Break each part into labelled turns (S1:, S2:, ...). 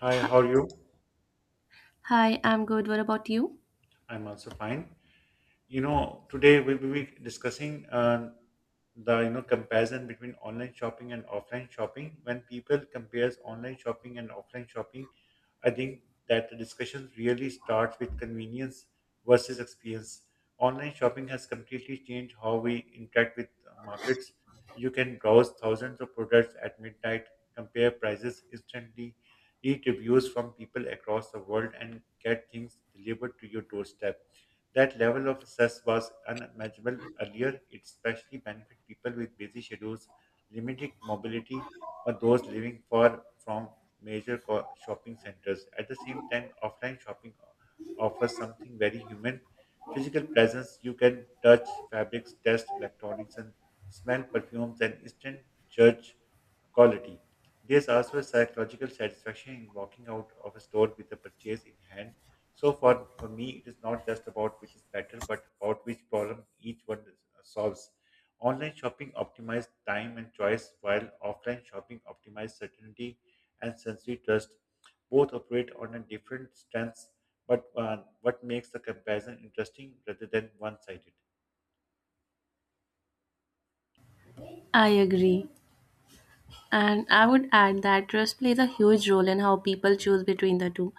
S1: Hi, how are you?
S2: Hi, I'm good. What about you?
S1: I'm also fine. Today we will be discussing the comparison between online shopping and offline shopping when people compares online shopping and offline shopping. I think that the discussion really starts with convenience versus experience. Online shopping has completely changed how we interact with markets. You can browse thousands of products at midnight, compare prices instantly, read reviews from people across the world, and get things delivered to your doorstep. That level of stress was unimaginable earlier. It especially benefit people with busy schedules, limited mobility, or those living far from shopping centers. At the same time, offline shopping offers something very human. Physical presence, you can touch fabrics, test electronics, and smell perfumes and instant judge quality. There's also a psychological satisfaction in walking out of a store with a purchase in hand. So for me, it is not just about which is better, but about which problem each one solves. Online shopping optimizes time and choice, while offline shopping optimizes certainty and sensory trust. Both operate on a different stance, but what makes the comparison interesting rather than one-sided?
S2: I agree. And I would add that trust plays a huge role in how people choose between the two.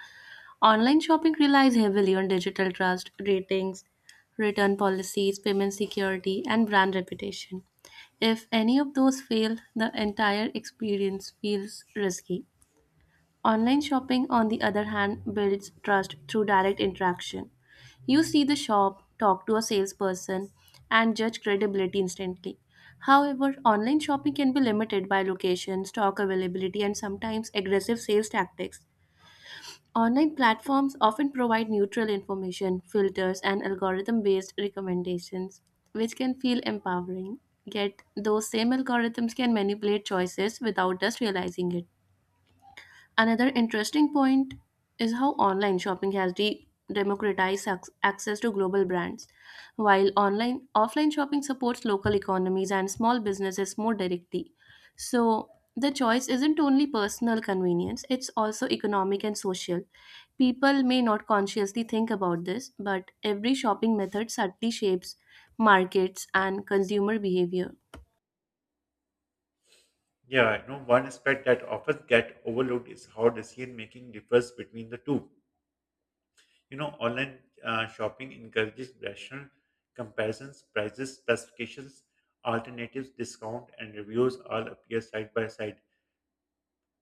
S2: Online shopping relies heavily on digital trust, ratings, return policies, payment security, and brand reputation. If any of those fail, the entire experience feels risky. Online shopping, on the other hand, builds trust through direct interaction. You see the shop, talk to a salesperson, and judge credibility instantly. However, online shopping can be limited by location, stock availability, and sometimes aggressive sales tactics. Online platforms often provide neutral information, filters, and algorithm based recommendations, which can feel empowering. Yet, those same algorithms can manipulate choices without us realizing it. Another interesting point is how online shopping has democratized access to global brands. While online offline shopping supports local economies and small businesses more directly. So the choice isn't only personal convenience, it's also economic and social. People may not consciously think about this, but every shopping method subtly shapes markets and consumer behavior.
S1: Yeah, I know one aspect that often get overlooked is how decision making differs between the two. You know, online shopping encourages rational comparisons, prices, specifications, alternatives, discount, and reviews all appear side by side.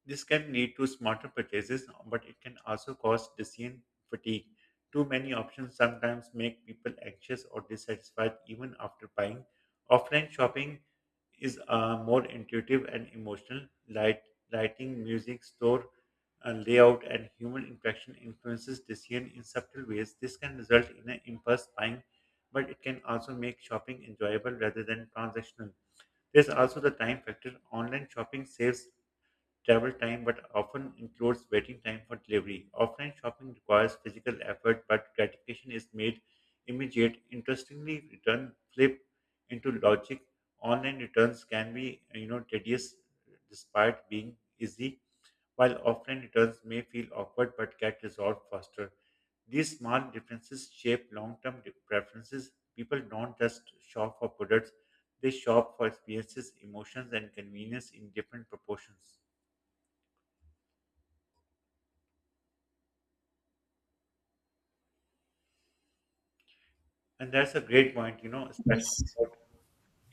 S1: This can lead to smarter purchases, but it can also cause decision fatigue. Too many options sometimes make people anxious or dissatisfied even after buying. Offline shopping is more intuitive and emotional. Lighting, music, store layout, and human interaction influences decision in subtle ways. This can result in an impulse buying, but it can also make shopping enjoyable rather than transactional. There's also the time factor. Online shopping saves travel time but often includes waiting time for delivery. Offline shopping requires physical effort, but gratification is made immediate. Interestingly, return flip into logic. Online returns can be, tedious despite being easy, while offline returns may feel awkward but get resolved faster. These small differences shape long-term preferences. People don't just shop for products; they shop for experiences, emotions, and convenience in different proportions. And that's a great point, especially
S2: Yes,
S1: about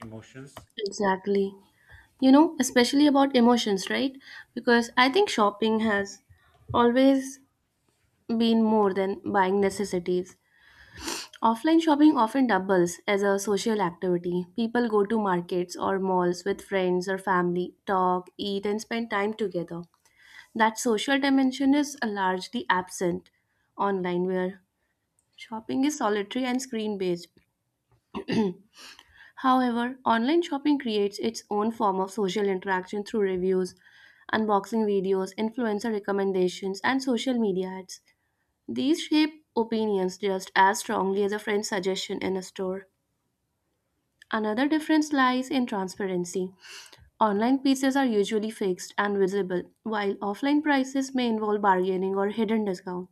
S1: emotions.
S2: exactly. Especially about emotions, right? Because I think shopping has always been more than buying necessities. Offline shopping often doubles as a social activity. People go to markets or malls with friends or family, talk, eat, and spend time together. That social dimension is largely absent online, where shopping is solitary and screen based. However, online shopping creates its own form of social interaction through reviews, unboxing videos, influencer recommendations, and social media ads. These shape opinions just as strongly as a friend's suggestion in a store. Another difference lies in transparency. Online pieces are usually fixed and visible, while offline prices may involve bargaining or hidden discount.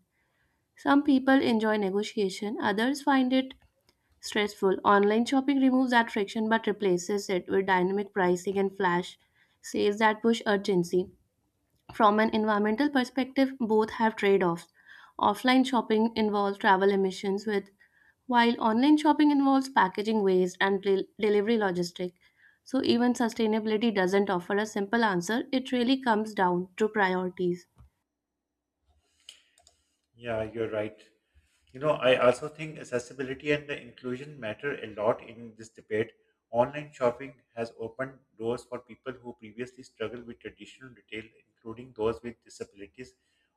S2: Some people enjoy negotiation, others find it stressful. Online shopping removes that friction but replaces it with dynamic pricing and flash sales that push urgency. From an environmental perspective, both have trade offs. Offline shopping involves travel emissions, with while online shopping involves packaging waste and delivery logistics. So, even sustainability doesn't offer a simple answer, it really comes down to priorities.
S1: Yeah, you're right. You know, I also think accessibility and the inclusion matter a lot in this debate. Online shopping has opened doors for people who previously struggled with traditional retail, including those with disabilities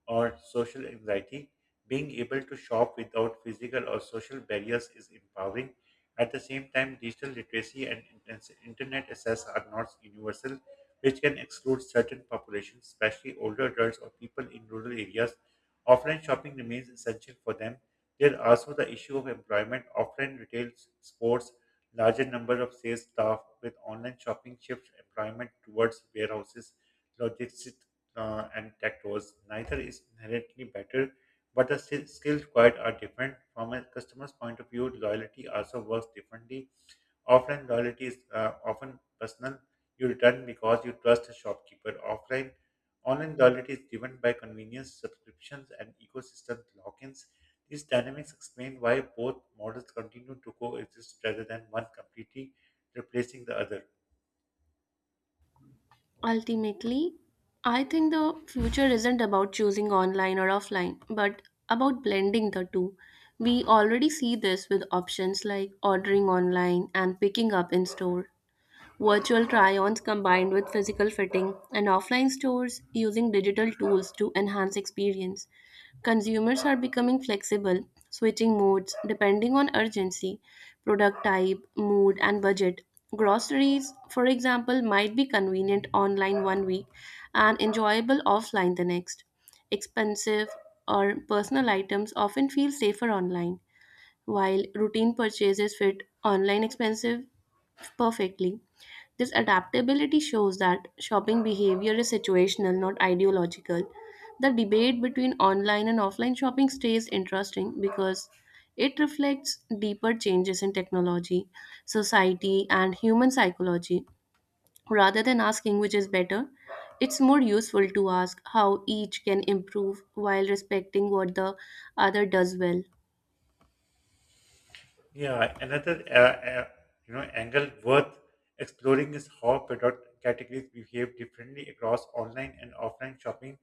S1: or social anxiety. Being able to shop without physical or social barriers is empowering. At the same time, digital literacy and internet access are not universal, which can exclude certain populations, especially older adults or people in rural areas. Offline shopping remains essential for them. There also the issue of employment. Offline retail sports larger number of sales staff with online shopping shifts employment towards warehouses, logistics, and tech roles. Neither is inherently better, but the skills required are different. From a customer's point of view, loyalty also works differently. Offline loyalty is often personal. You return because you trust a shopkeeper. Offline, online loyalty is driven by convenience, subscriptions, and ecosystem lock-ins. These dynamics explain why both models continue to coexist rather than one completely replacing the other.
S2: Ultimately, I think the future isn't about choosing online or offline, but about blending the two. We already see this with options like ordering online and picking up in store, virtual try-ons combined with physical fitting, and offline stores using digital tools to enhance experience. Consumers are becoming flexible, switching modes depending on urgency, product type, mood, and budget. Groceries, for example, might be convenient online one week and enjoyable offline the next. Expensive or personal items often feel safer online, while routine purchases fit online expensive perfectly. This adaptability shows that shopping behavior is situational, not ideological. The debate between online and offline shopping stays interesting because it reflects deeper changes in technology, society, and human psychology. Rather than asking which is better, it's more useful to ask how each can improve while respecting what the other does well.
S1: Yeah, another angle worth exploring is how product categories behave differently across online and offline shopping.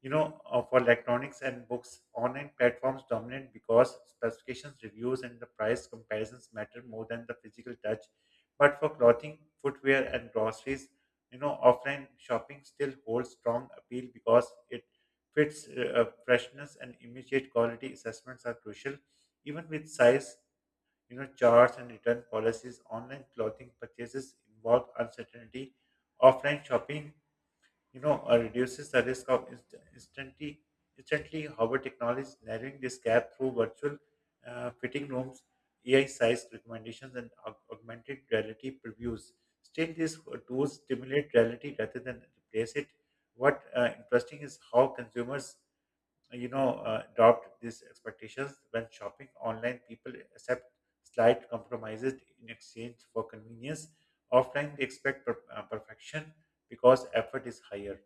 S1: For electronics and books, online platforms dominate because specifications, reviews, and the price comparisons matter more than the physical touch. But for clothing, footwear, and groceries, offline shopping still holds strong appeal because it fits freshness and immediate quality assessments are crucial. Even with size, charts and return policies, online clothing purchases involve uncertainty. Offline shopping reduces the risk of instantly. However, technology is narrowing this gap through virtual fitting rooms, AI size recommendations, and augmented reality previews. Still, these tools stimulate reality rather than replace it. What interesting is how consumers, adopt these expectations when shopping online. People accept slight compromises in exchange for convenience. Offline, they expect perfection because effort is higher.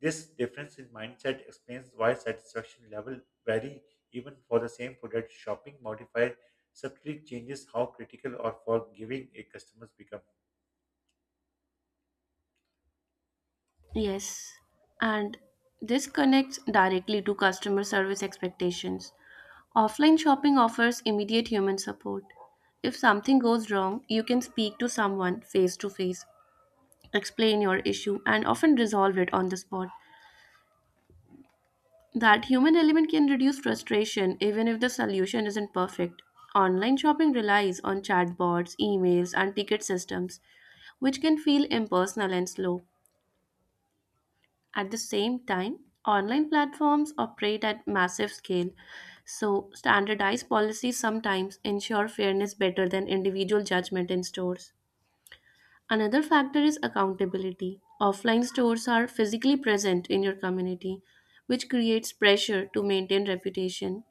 S1: This difference in mindset explains why satisfaction level vary even for the same product. Shopping modifier subtly changes how critical or forgiving a customer becomes.
S2: Yes, and this connects directly to customer service expectations. Offline shopping offers immediate human support. If something goes wrong, you can speak to someone face to face, explain your issue, and often resolve it on the spot. That human element can reduce frustration even if the solution isn't perfect. Online shopping relies on chatbots, emails, and ticket systems, which can feel impersonal and slow. At the same time, online platforms operate at massive scale, so standardized policies sometimes ensure fairness better than individual judgment in stores. Another factor is accountability. Offline stores are physically present in your community, which creates pressure to maintain reputation.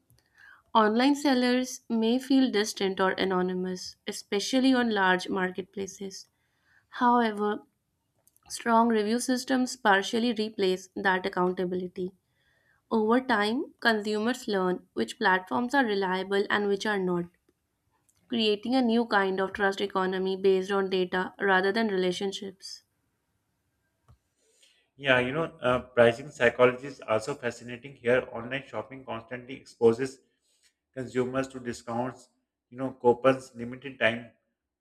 S2: Online sellers may feel distant or anonymous, especially on large marketplaces. However, strong review systems partially replace that accountability. Over time, consumers learn which platforms are reliable and which are not, creating a new kind of trust economy based on data rather than relationships.
S1: Yeah, pricing psychology is also fascinating here. Online shopping constantly exposes consumers to discounts, coupons, limited time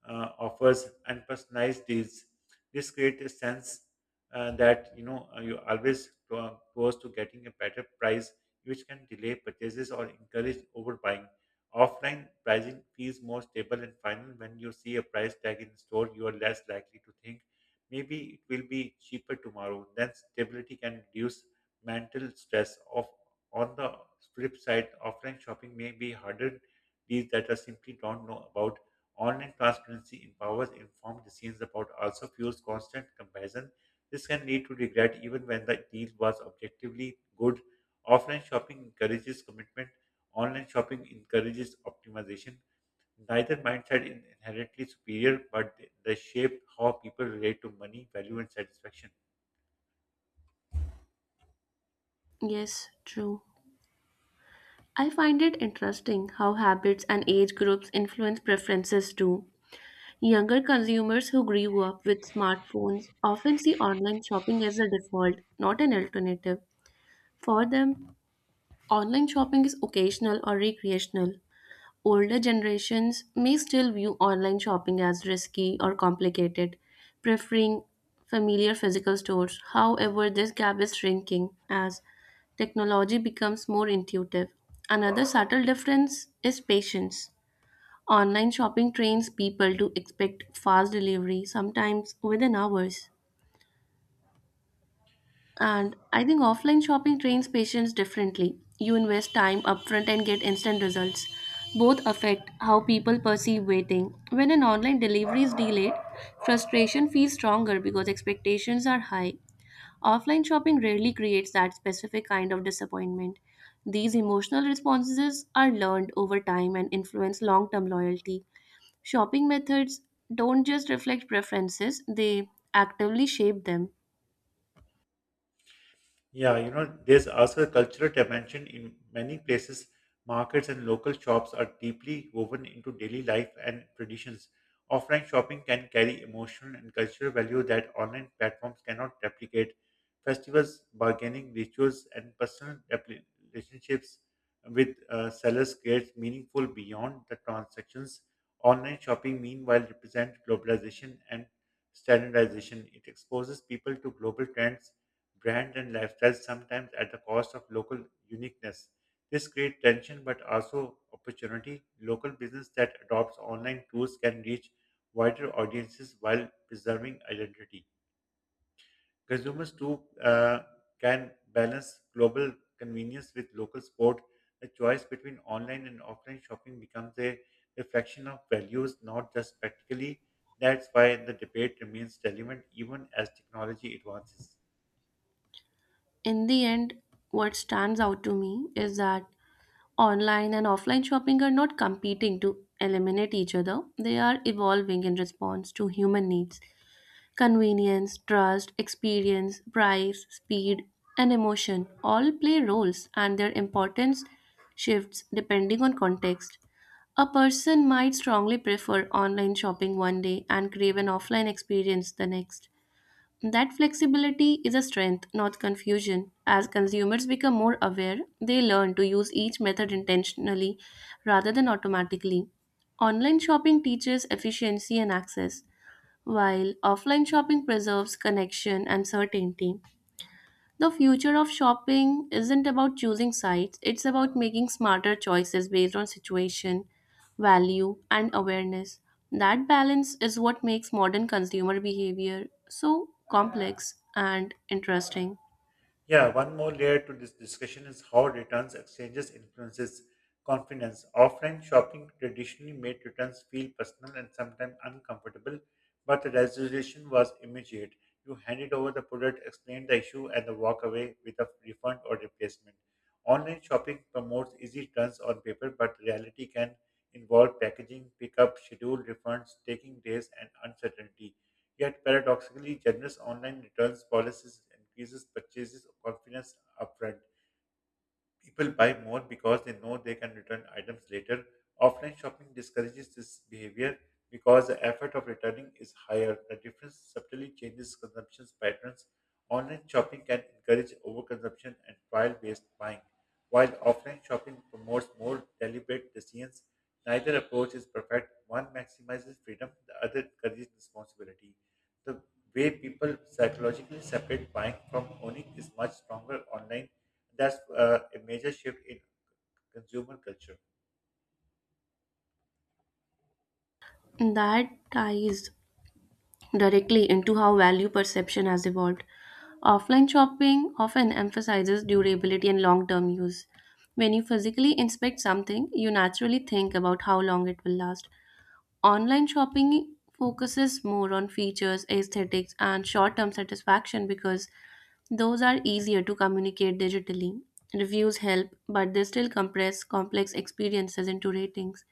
S1: uh, offers, and personalized deals. This creates a sense that you're always close to getting a better price, which can delay purchases or encourage overbuying. Offline pricing feels more stable and final. When you see a price tag in store, you are less likely to think maybe it will be cheaper tomorrow. Then stability can reduce mental stress. Of On the flip side, offline shopping may be harder deals that are simply don't know about. Online transparency empowers informed decisions about also fuels constant comparison. This can lead to regret even when the deal was objectively good. Offline shopping encourages commitment. Online shopping encourages optimization. Neither mindset is inherently superior, but they shape how people relate to money, value, and satisfaction.
S2: Yes, true. I find it interesting how habits and age groups influence preferences too. Younger consumers who grew up with smartphones often see online shopping as a default, not an alternative. For them, online shopping is occasional or recreational. Older generations may still view online shopping as risky or complicated, preferring familiar physical stores. However, this gap is shrinking as technology becomes more intuitive. Another subtle difference is patience. Online shopping trains people to expect fast delivery, sometimes within hours. And I think offline shopping trains patients differently. You invest time upfront and get instant results. Both affect how people perceive waiting. When an online delivery is delayed, frustration feels stronger because expectations are high. Offline shopping rarely creates that specific kind of disappointment. These emotional responses are learned over time and influence long term loyalty. Shopping methods don't just reflect preferences, they actively shape them.
S1: Yeah, there's also a cultural dimension in many places. Markets and local shops are deeply woven into daily life and traditions. Offline shopping can carry emotional and cultural value that online platforms cannot replicate. Festivals, bargaining, rituals, and relationships with sellers create meaningful beyond the transactions. Online shopping, meanwhile, represent globalization and standardization. It exposes people to global trends brand and lifestyles, sometimes at the cost of local uniqueness. This creates tension but also opportunity. Local business that adopts online tools can reach wider audiences while preserving identity. Consumers too can balance global convenience with local support. The choice between online and offline shopping becomes a reflection of values, not just practically. That's why the debate remains relevant even as technology advances.
S2: In the end, what stands out to me is that online and offline shopping are not competing to eliminate each other, they are evolving in response to human needs. Convenience, trust, experience, price, speed, and emotion all play roles, and their importance shifts depending on context. A person might strongly prefer online shopping one day and crave an offline experience the next. That flexibility is a strength, not confusion. As consumers become more aware, they learn to use each method intentionally rather than automatically. Online shopping teaches efficiency and access, while offline shopping preserves connection and certainty. The future of shopping isn't about choosing sites, it's about making smarter choices based on situation, value, and awareness. That balance is what makes modern consumer behavior so complex and interesting.
S1: Yeah, one more layer to this discussion is how returns exchanges influences confidence. Offline shopping traditionally made returns feel personal and sometimes uncomfortable, but the resolution was immediate. You handed over the product, explained the issue, and the walk away with a refund or replacement. Online shopping promotes easy returns on paper, but reality can involve packaging, pickup, schedule refunds, taking days, and uncertainty. Yet paradoxically, generous online returns policies increases purchases confidence upfront. People buy more because they know they can return items later. Offline shopping discourages this behavior because the effort of returning is higher. The difference subtly changes consumption patterns. Online shopping can encourage overconsumption and trial based buying, while offline shopping promotes more deliberate decisions. Neither approach is perfect. One maximizes freedom, the other encourages responsibility. The way people psychologically separate buying from owning is much stronger online. That's a major shift in consumer culture.
S2: That ties directly into how value perception has evolved. Offline shopping often emphasizes durability and long term use. When you physically inspect something, you naturally think about how long it will last. Online shopping focuses more on features, aesthetics, and short term satisfaction because those are easier to communicate digitally. Reviews help, but they still compress complex experiences into ratings.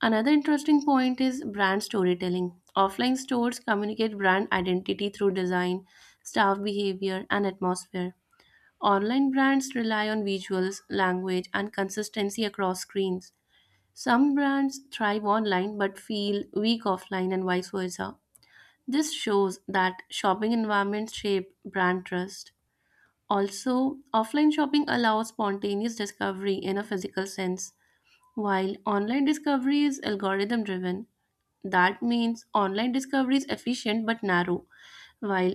S2: Another interesting point is brand storytelling. Offline stores communicate brand identity through design, staff behavior, and atmosphere. Online brands rely on visuals, language, and consistency across screens. Some brands thrive online but feel weak offline and vice versa. This shows that shopping environments shape brand trust. Also, offline shopping allows spontaneous discovery in a physical sense, while online discovery is algorithm driven. That means online discovery is efficient but narrow, while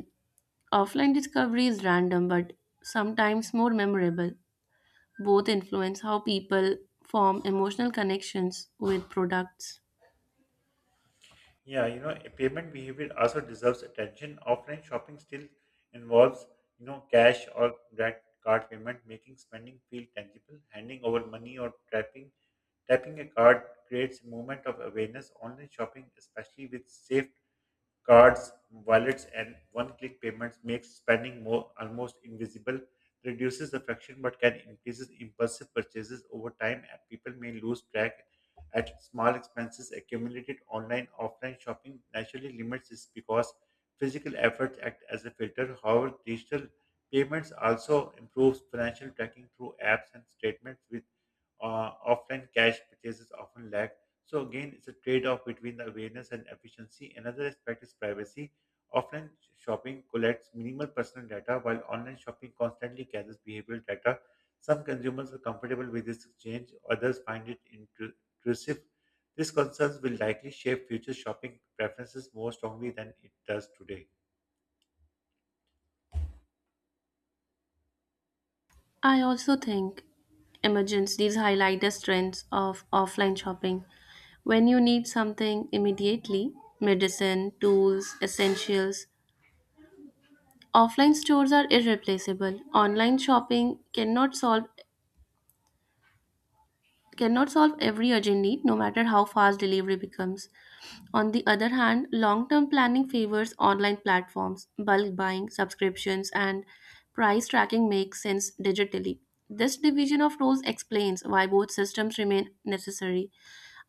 S2: offline discovery is random but sometimes more memorable. Both influence how people form emotional connections with products.
S1: Yeah, a payment behavior also deserves attention. Offline shopping still involves, cash or direct card payment, making spending feel tangible. Handing over money or tapping a card creates a moment of awareness. Online shopping, especially with safe cards, wallets, and one-click payments makes spending more almost invisible, reduces the friction, but can increase impulsive purchases over time, and people may lose track at small expenses accumulated online, offline shopping naturally limits this because physical efforts act as a filter. However, digital payments also improves financial tracking through apps and statements with offline cash purchases often lack. So again, it's a trade-off between the awareness and efficiency. Another aspect is privacy. Offline shopping collects minimal personal data, while online shopping constantly gathers behavioral data. Some consumers are comfortable with this exchange, others find it intrusive. These concerns will likely shape future shopping preferences more strongly than it does today.
S2: I also think emergence these highlight the strengths of offline shopping. When you need something immediately, medicine, tools, essentials, offline stores are irreplaceable. Online shopping cannot solve every urgent need, no matter how fast delivery becomes. On the other hand, long term planning favors online platforms, bulk buying, subscriptions, and price tracking makes sense digitally. This division of roles explains why both systems remain necessary.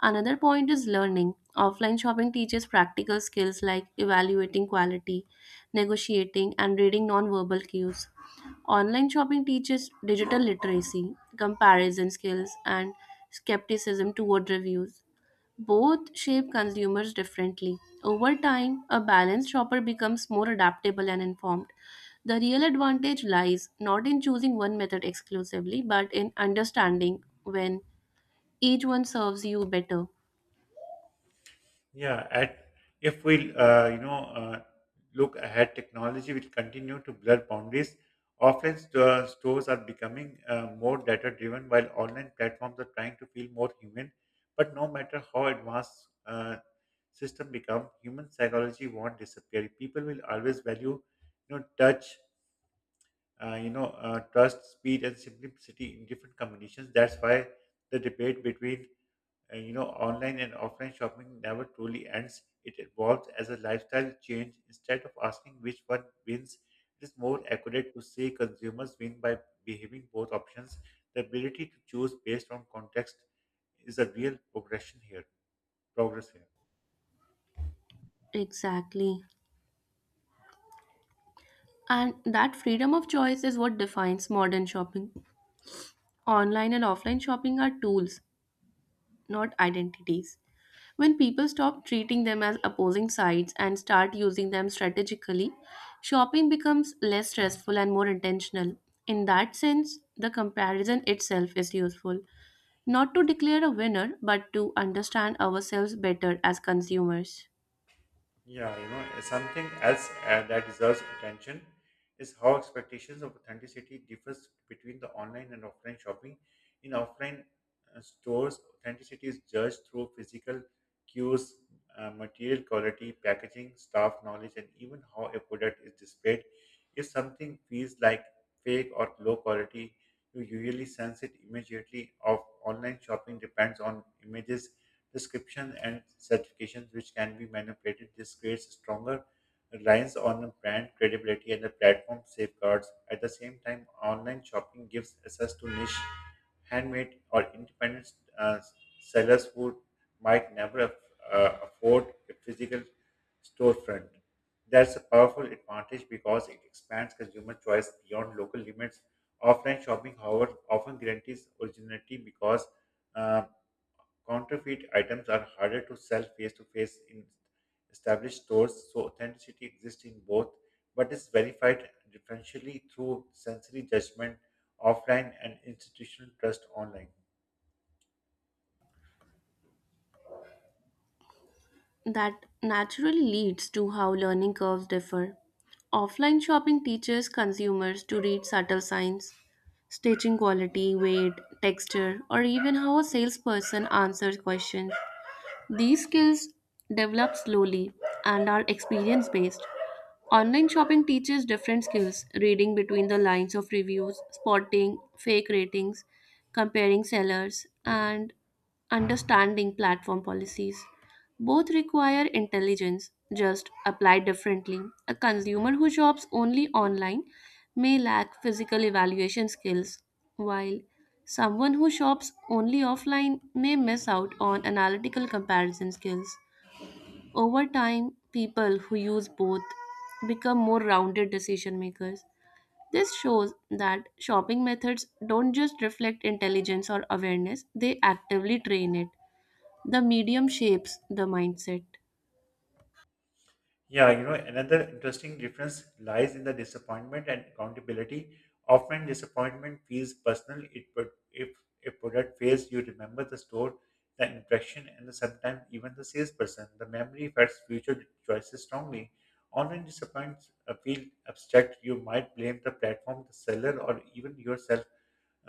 S2: Another point is learning. Offline shopping teaches practical skills like evaluating quality, negotiating, and reading non-verbal cues. Online shopping teaches digital literacy, comparison skills, and skepticism toward reviews. Both shape consumers differently. Over time, a balanced shopper becomes more adaptable and informed. The real advantage lies not in choosing one method exclusively, but in understanding when each one serves you better.
S1: Yeah, at if we you know look ahead, technology will continue to blur boundaries. Offline stores are becoming more data-driven, while online platforms are trying to feel more human. But no matter how advanced system become, human psychology won't disappear. People will always value, touch, trust, speed, and simplicity in different combinations. That's why the debate between and you know online and offline shopping never truly ends. It evolves as a lifestyle change. Instead of asking which one wins, it is more accurate to say consumers win by behaving both options. The ability to choose based on context is a real progress here.
S2: Exactly. And that freedom of choice is what defines modern shopping. Online and offline shopping are tools, not identities. When people stop treating them as opposing sides and start using them strategically, shopping becomes less stressful and more intentional. In that sense, the comparison itself is useful, not to declare a winner, but to understand ourselves better as consumers.
S1: Yeah, you know, something else that deserves attention is how expectations of authenticity differs between the online and offline shopping. In offline stores, authenticity is judged through physical cues, material quality, packaging, staff knowledge, and even how a product is displayed. If something feels like fake or low quality, you usually sense it immediately. Of online shopping depends on images description and certifications which can be manipulated. This creates stronger reliance on brand credibility and the platform safeguards. At the same time, online shopping gives access to niche, handmade, or independent uh, sellers who might never afford a physical storefront. That's a powerful advantage because it expands consumer choice beyond local limits. Offline shopping, however, often guarantees originality because uh, counterfeit items are harder to sell face to face in established stores, so authenticity exists in both, but is verified differentially through sensory judgment offline and institutional trust online.
S2: That naturally leads to how learning curves differ. Offline shopping teaches consumers to read subtle signs, stitching quality, weight, texture, or even how a salesperson answers questions. These skills develop slowly and are experience based. Online shopping teaches different skills, reading between the lines of reviews, spotting fake ratings, comparing sellers, and understanding platform policies. Both require intelligence, just applied differently. A consumer who shops only online may lack physical evaluation skills, while someone who shops only offline may miss out on analytical comparison skills. Over time, people who use both become more rounded decision makers. This shows that shopping methods don't just reflect intelligence or awareness, they actively train it. The medium shapes the mindset.
S1: Yeah, another interesting difference lies in the disappointment and accountability. Often, disappointment feels personal. It but if a product fails, you remember the store, the interaction, and the, sometimes even the salesperson. The memory affects future choices strongly. Online disappointments feel abstract. You might blame the platform, the seller, or even yourself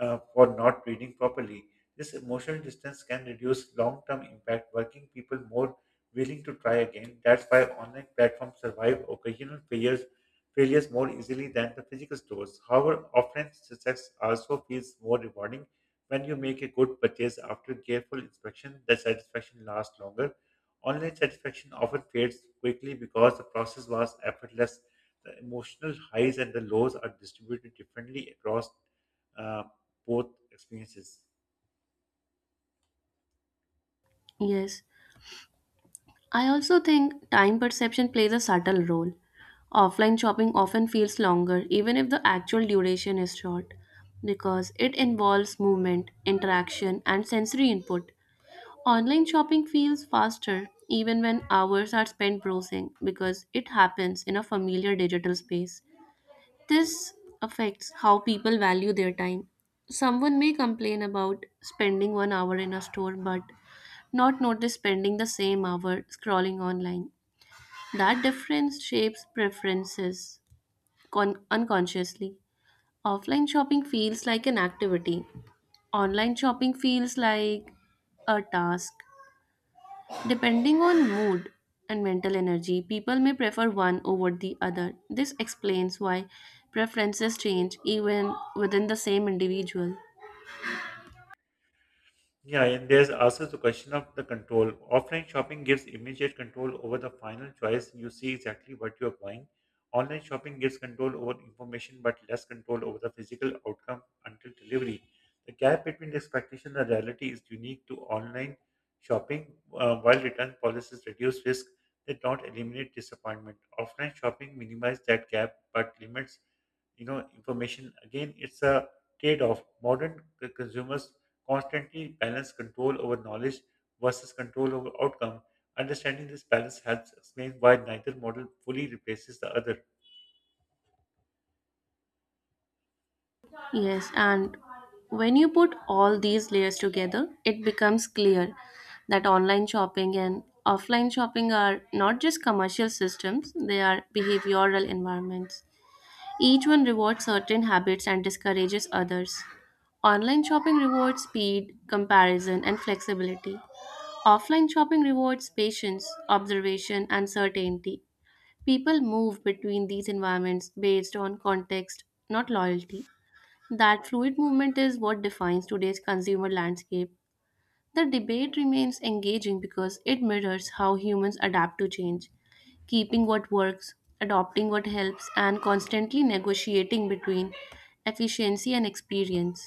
S1: for not breathing properly. This emotional distance can reduce long term impact, working people more willing to try again. That's why online platforms survive occasional failures more easily than the physical stores. However, offline success also feels more rewarding. When you make a good purchase after careful inspection, the satisfaction lasts longer. Online satisfaction often fades quickly because the process was effortless. The emotional highs and the lows are distributed differently across uh, both experiences.
S2: Yes, I also think time perception plays a subtle role. Offline shopping often feels longer, even if the actual duration is short, because it involves movement, interaction, and sensory input. Online shopping feels faster even when hours are spent browsing because it happens in a familiar digital space. This affects how people value their time. Someone may complain about spending one hour in a store but not notice spending the same hour scrolling online. That difference shapes preferences unconsciously. Offline shopping feels like an activity, online shopping feels like a task. Depending on mood and mental energy, people may prefer one over the other. This explains why preferences change even within the same individual.
S1: Yeah, and there's also the question of the control. Offline shopping gives immediate control over the final choice. You see exactly what you are buying. Online shopping gives control over information but less control over the physical outcome until delivery. The gap between the expectation and the reality is unique to online shopping. While return policies reduce risk, they don't eliminate disappointment. Offline shopping minimizes that gap but limits information again, it's a trade-off modern consumers constantly balance control over knowledge versus control over outcome. Understanding this balance helps explain why neither model fully replaces the other.
S2: Yes, and when you put all these layers together, it becomes clear that online shopping and offline shopping are not just commercial systems, they are behavioral environments. Each one rewards certain habits and discourages others. Online shopping rewards speed, comparison, and flexibility. Offline shopping rewards patience, observation, and certainty. People move between these environments based on context, not loyalty. That fluid movement is what defines today's consumer landscape. The debate remains engaging because it mirrors how humans adapt to change, keeping what works, adopting what helps, and constantly negotiating between efficiency and experience.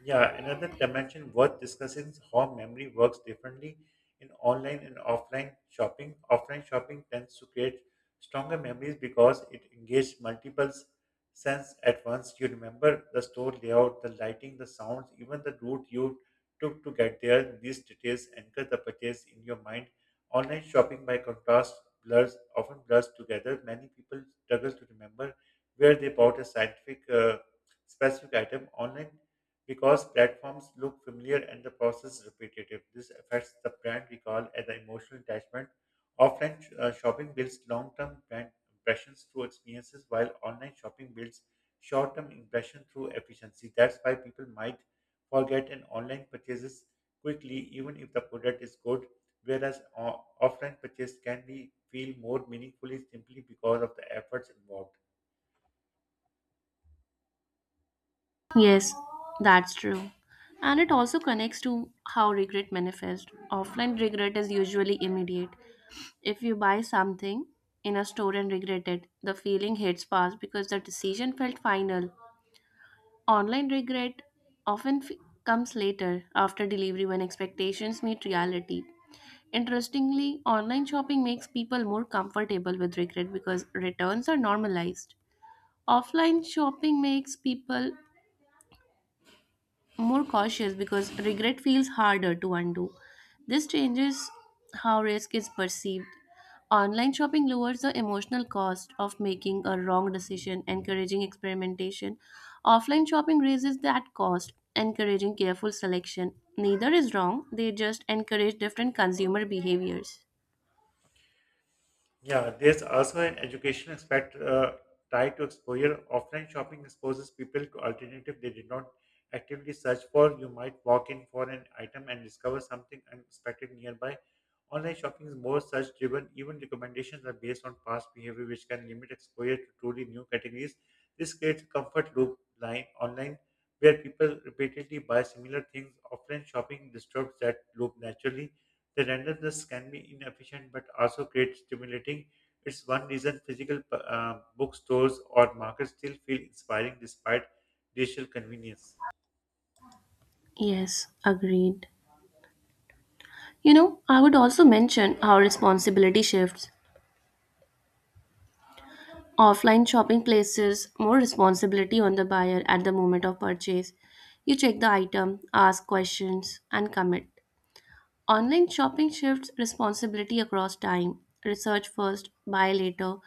S1: Yeah, another dimension worth discussing is how memory works differently in online and offline shopping. Offline shopping tends to create stronger memories because it engages multiple senses at once. You remember the store layout, the lighting, the sounds, even the route you took to get there. These details anchor the purchase in your mind. Online shopping, by contrast, blurs often blurs together. Many people struggle to remember where they bought a scientific specific item online because platforms look familiar and the process repetitive. This affects the brand recall and the emotional attachment. Offline shopping builds long term brand impressions through experiences, while online shopping builds short term impression through efficiency. That's why people might forget an online purchases quickly, even if the product is good, whereas offline purchase can be feel more meaningfully simply because of the efforts involved.
S2: Yes, that's true. And it also connects to how regret manifests. Offline regret is usually immediate. If you buy something in a store and regret it, the feeling hits fast because the decision felt final. Online regret often comes later after delivery when expectations meet reality. Interestingly, online shopping makes people more comfortable with regret because returns are normalized. Offline shopping makes people more cautious because regret feels harder to undo. This changes how risk is perceived. Online shopping lowers the emotional cost of making a wrong decision, encouraging experimentation. Offline shopping raises that cost, encouraging careful selection. Neither is wrong, they just encourage different consumer behaviors.
S1: Yeah, there's also an educational aspect tied to exposure. Offline shopping exposes people to alternative they did not actively search for. You might walk in for an item and discover something unexpected nearby. Online shopping is more search driven. Even recommendations are based on past behavior, which can limit exposure to truly new categories. This creates a comfort loop line online where people repeatedly buy similar things. Offline shopping disturbs that loop naturally the randomness can be inefficient but also create stimulating. It's one reason physical bookstores or markets still feel inspiring despite digital convenience.
S2: Yes, agreed. You know, I would also mention how responsibility shifts. Offline shopping places more responsibility on the buyer at the moment of purchase. You check the item, ask questions, and commit. Online shopping shifts responsibility across time. Research first, buy later,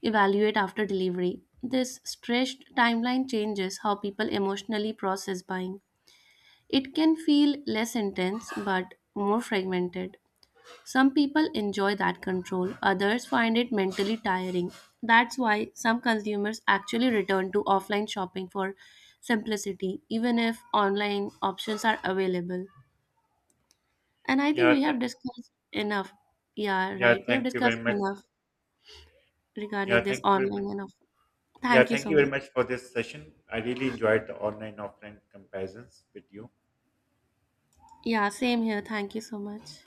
S2: evaluate after delivery. This stretched timeline changes how people emotionally process buying. It can feel less intense but more fragmented. Some people enjoy that control, others find it mentally tiring. That's why some consumers actually return to offline shopping for simplicity, even if online options are available. And I think
S1: Yeah,
S2: we have
S1: th-
S2: discussed enough. Yeah,
S1: yeah,
S2: right. We have
S1: thank you
S2: discussed
S1: very much.
S2: enough
S1: Yeah,
S2: regarding this
S1: thank you very much.
S2: online and off.
S1: Yeah,
S2: Thank you
S1: thank
S2: so
S1: you
S2: much.
S1: very much for this session. I really enjoyed the online offline comparisons with you.
S2: Yeah, same here. Thank you so much.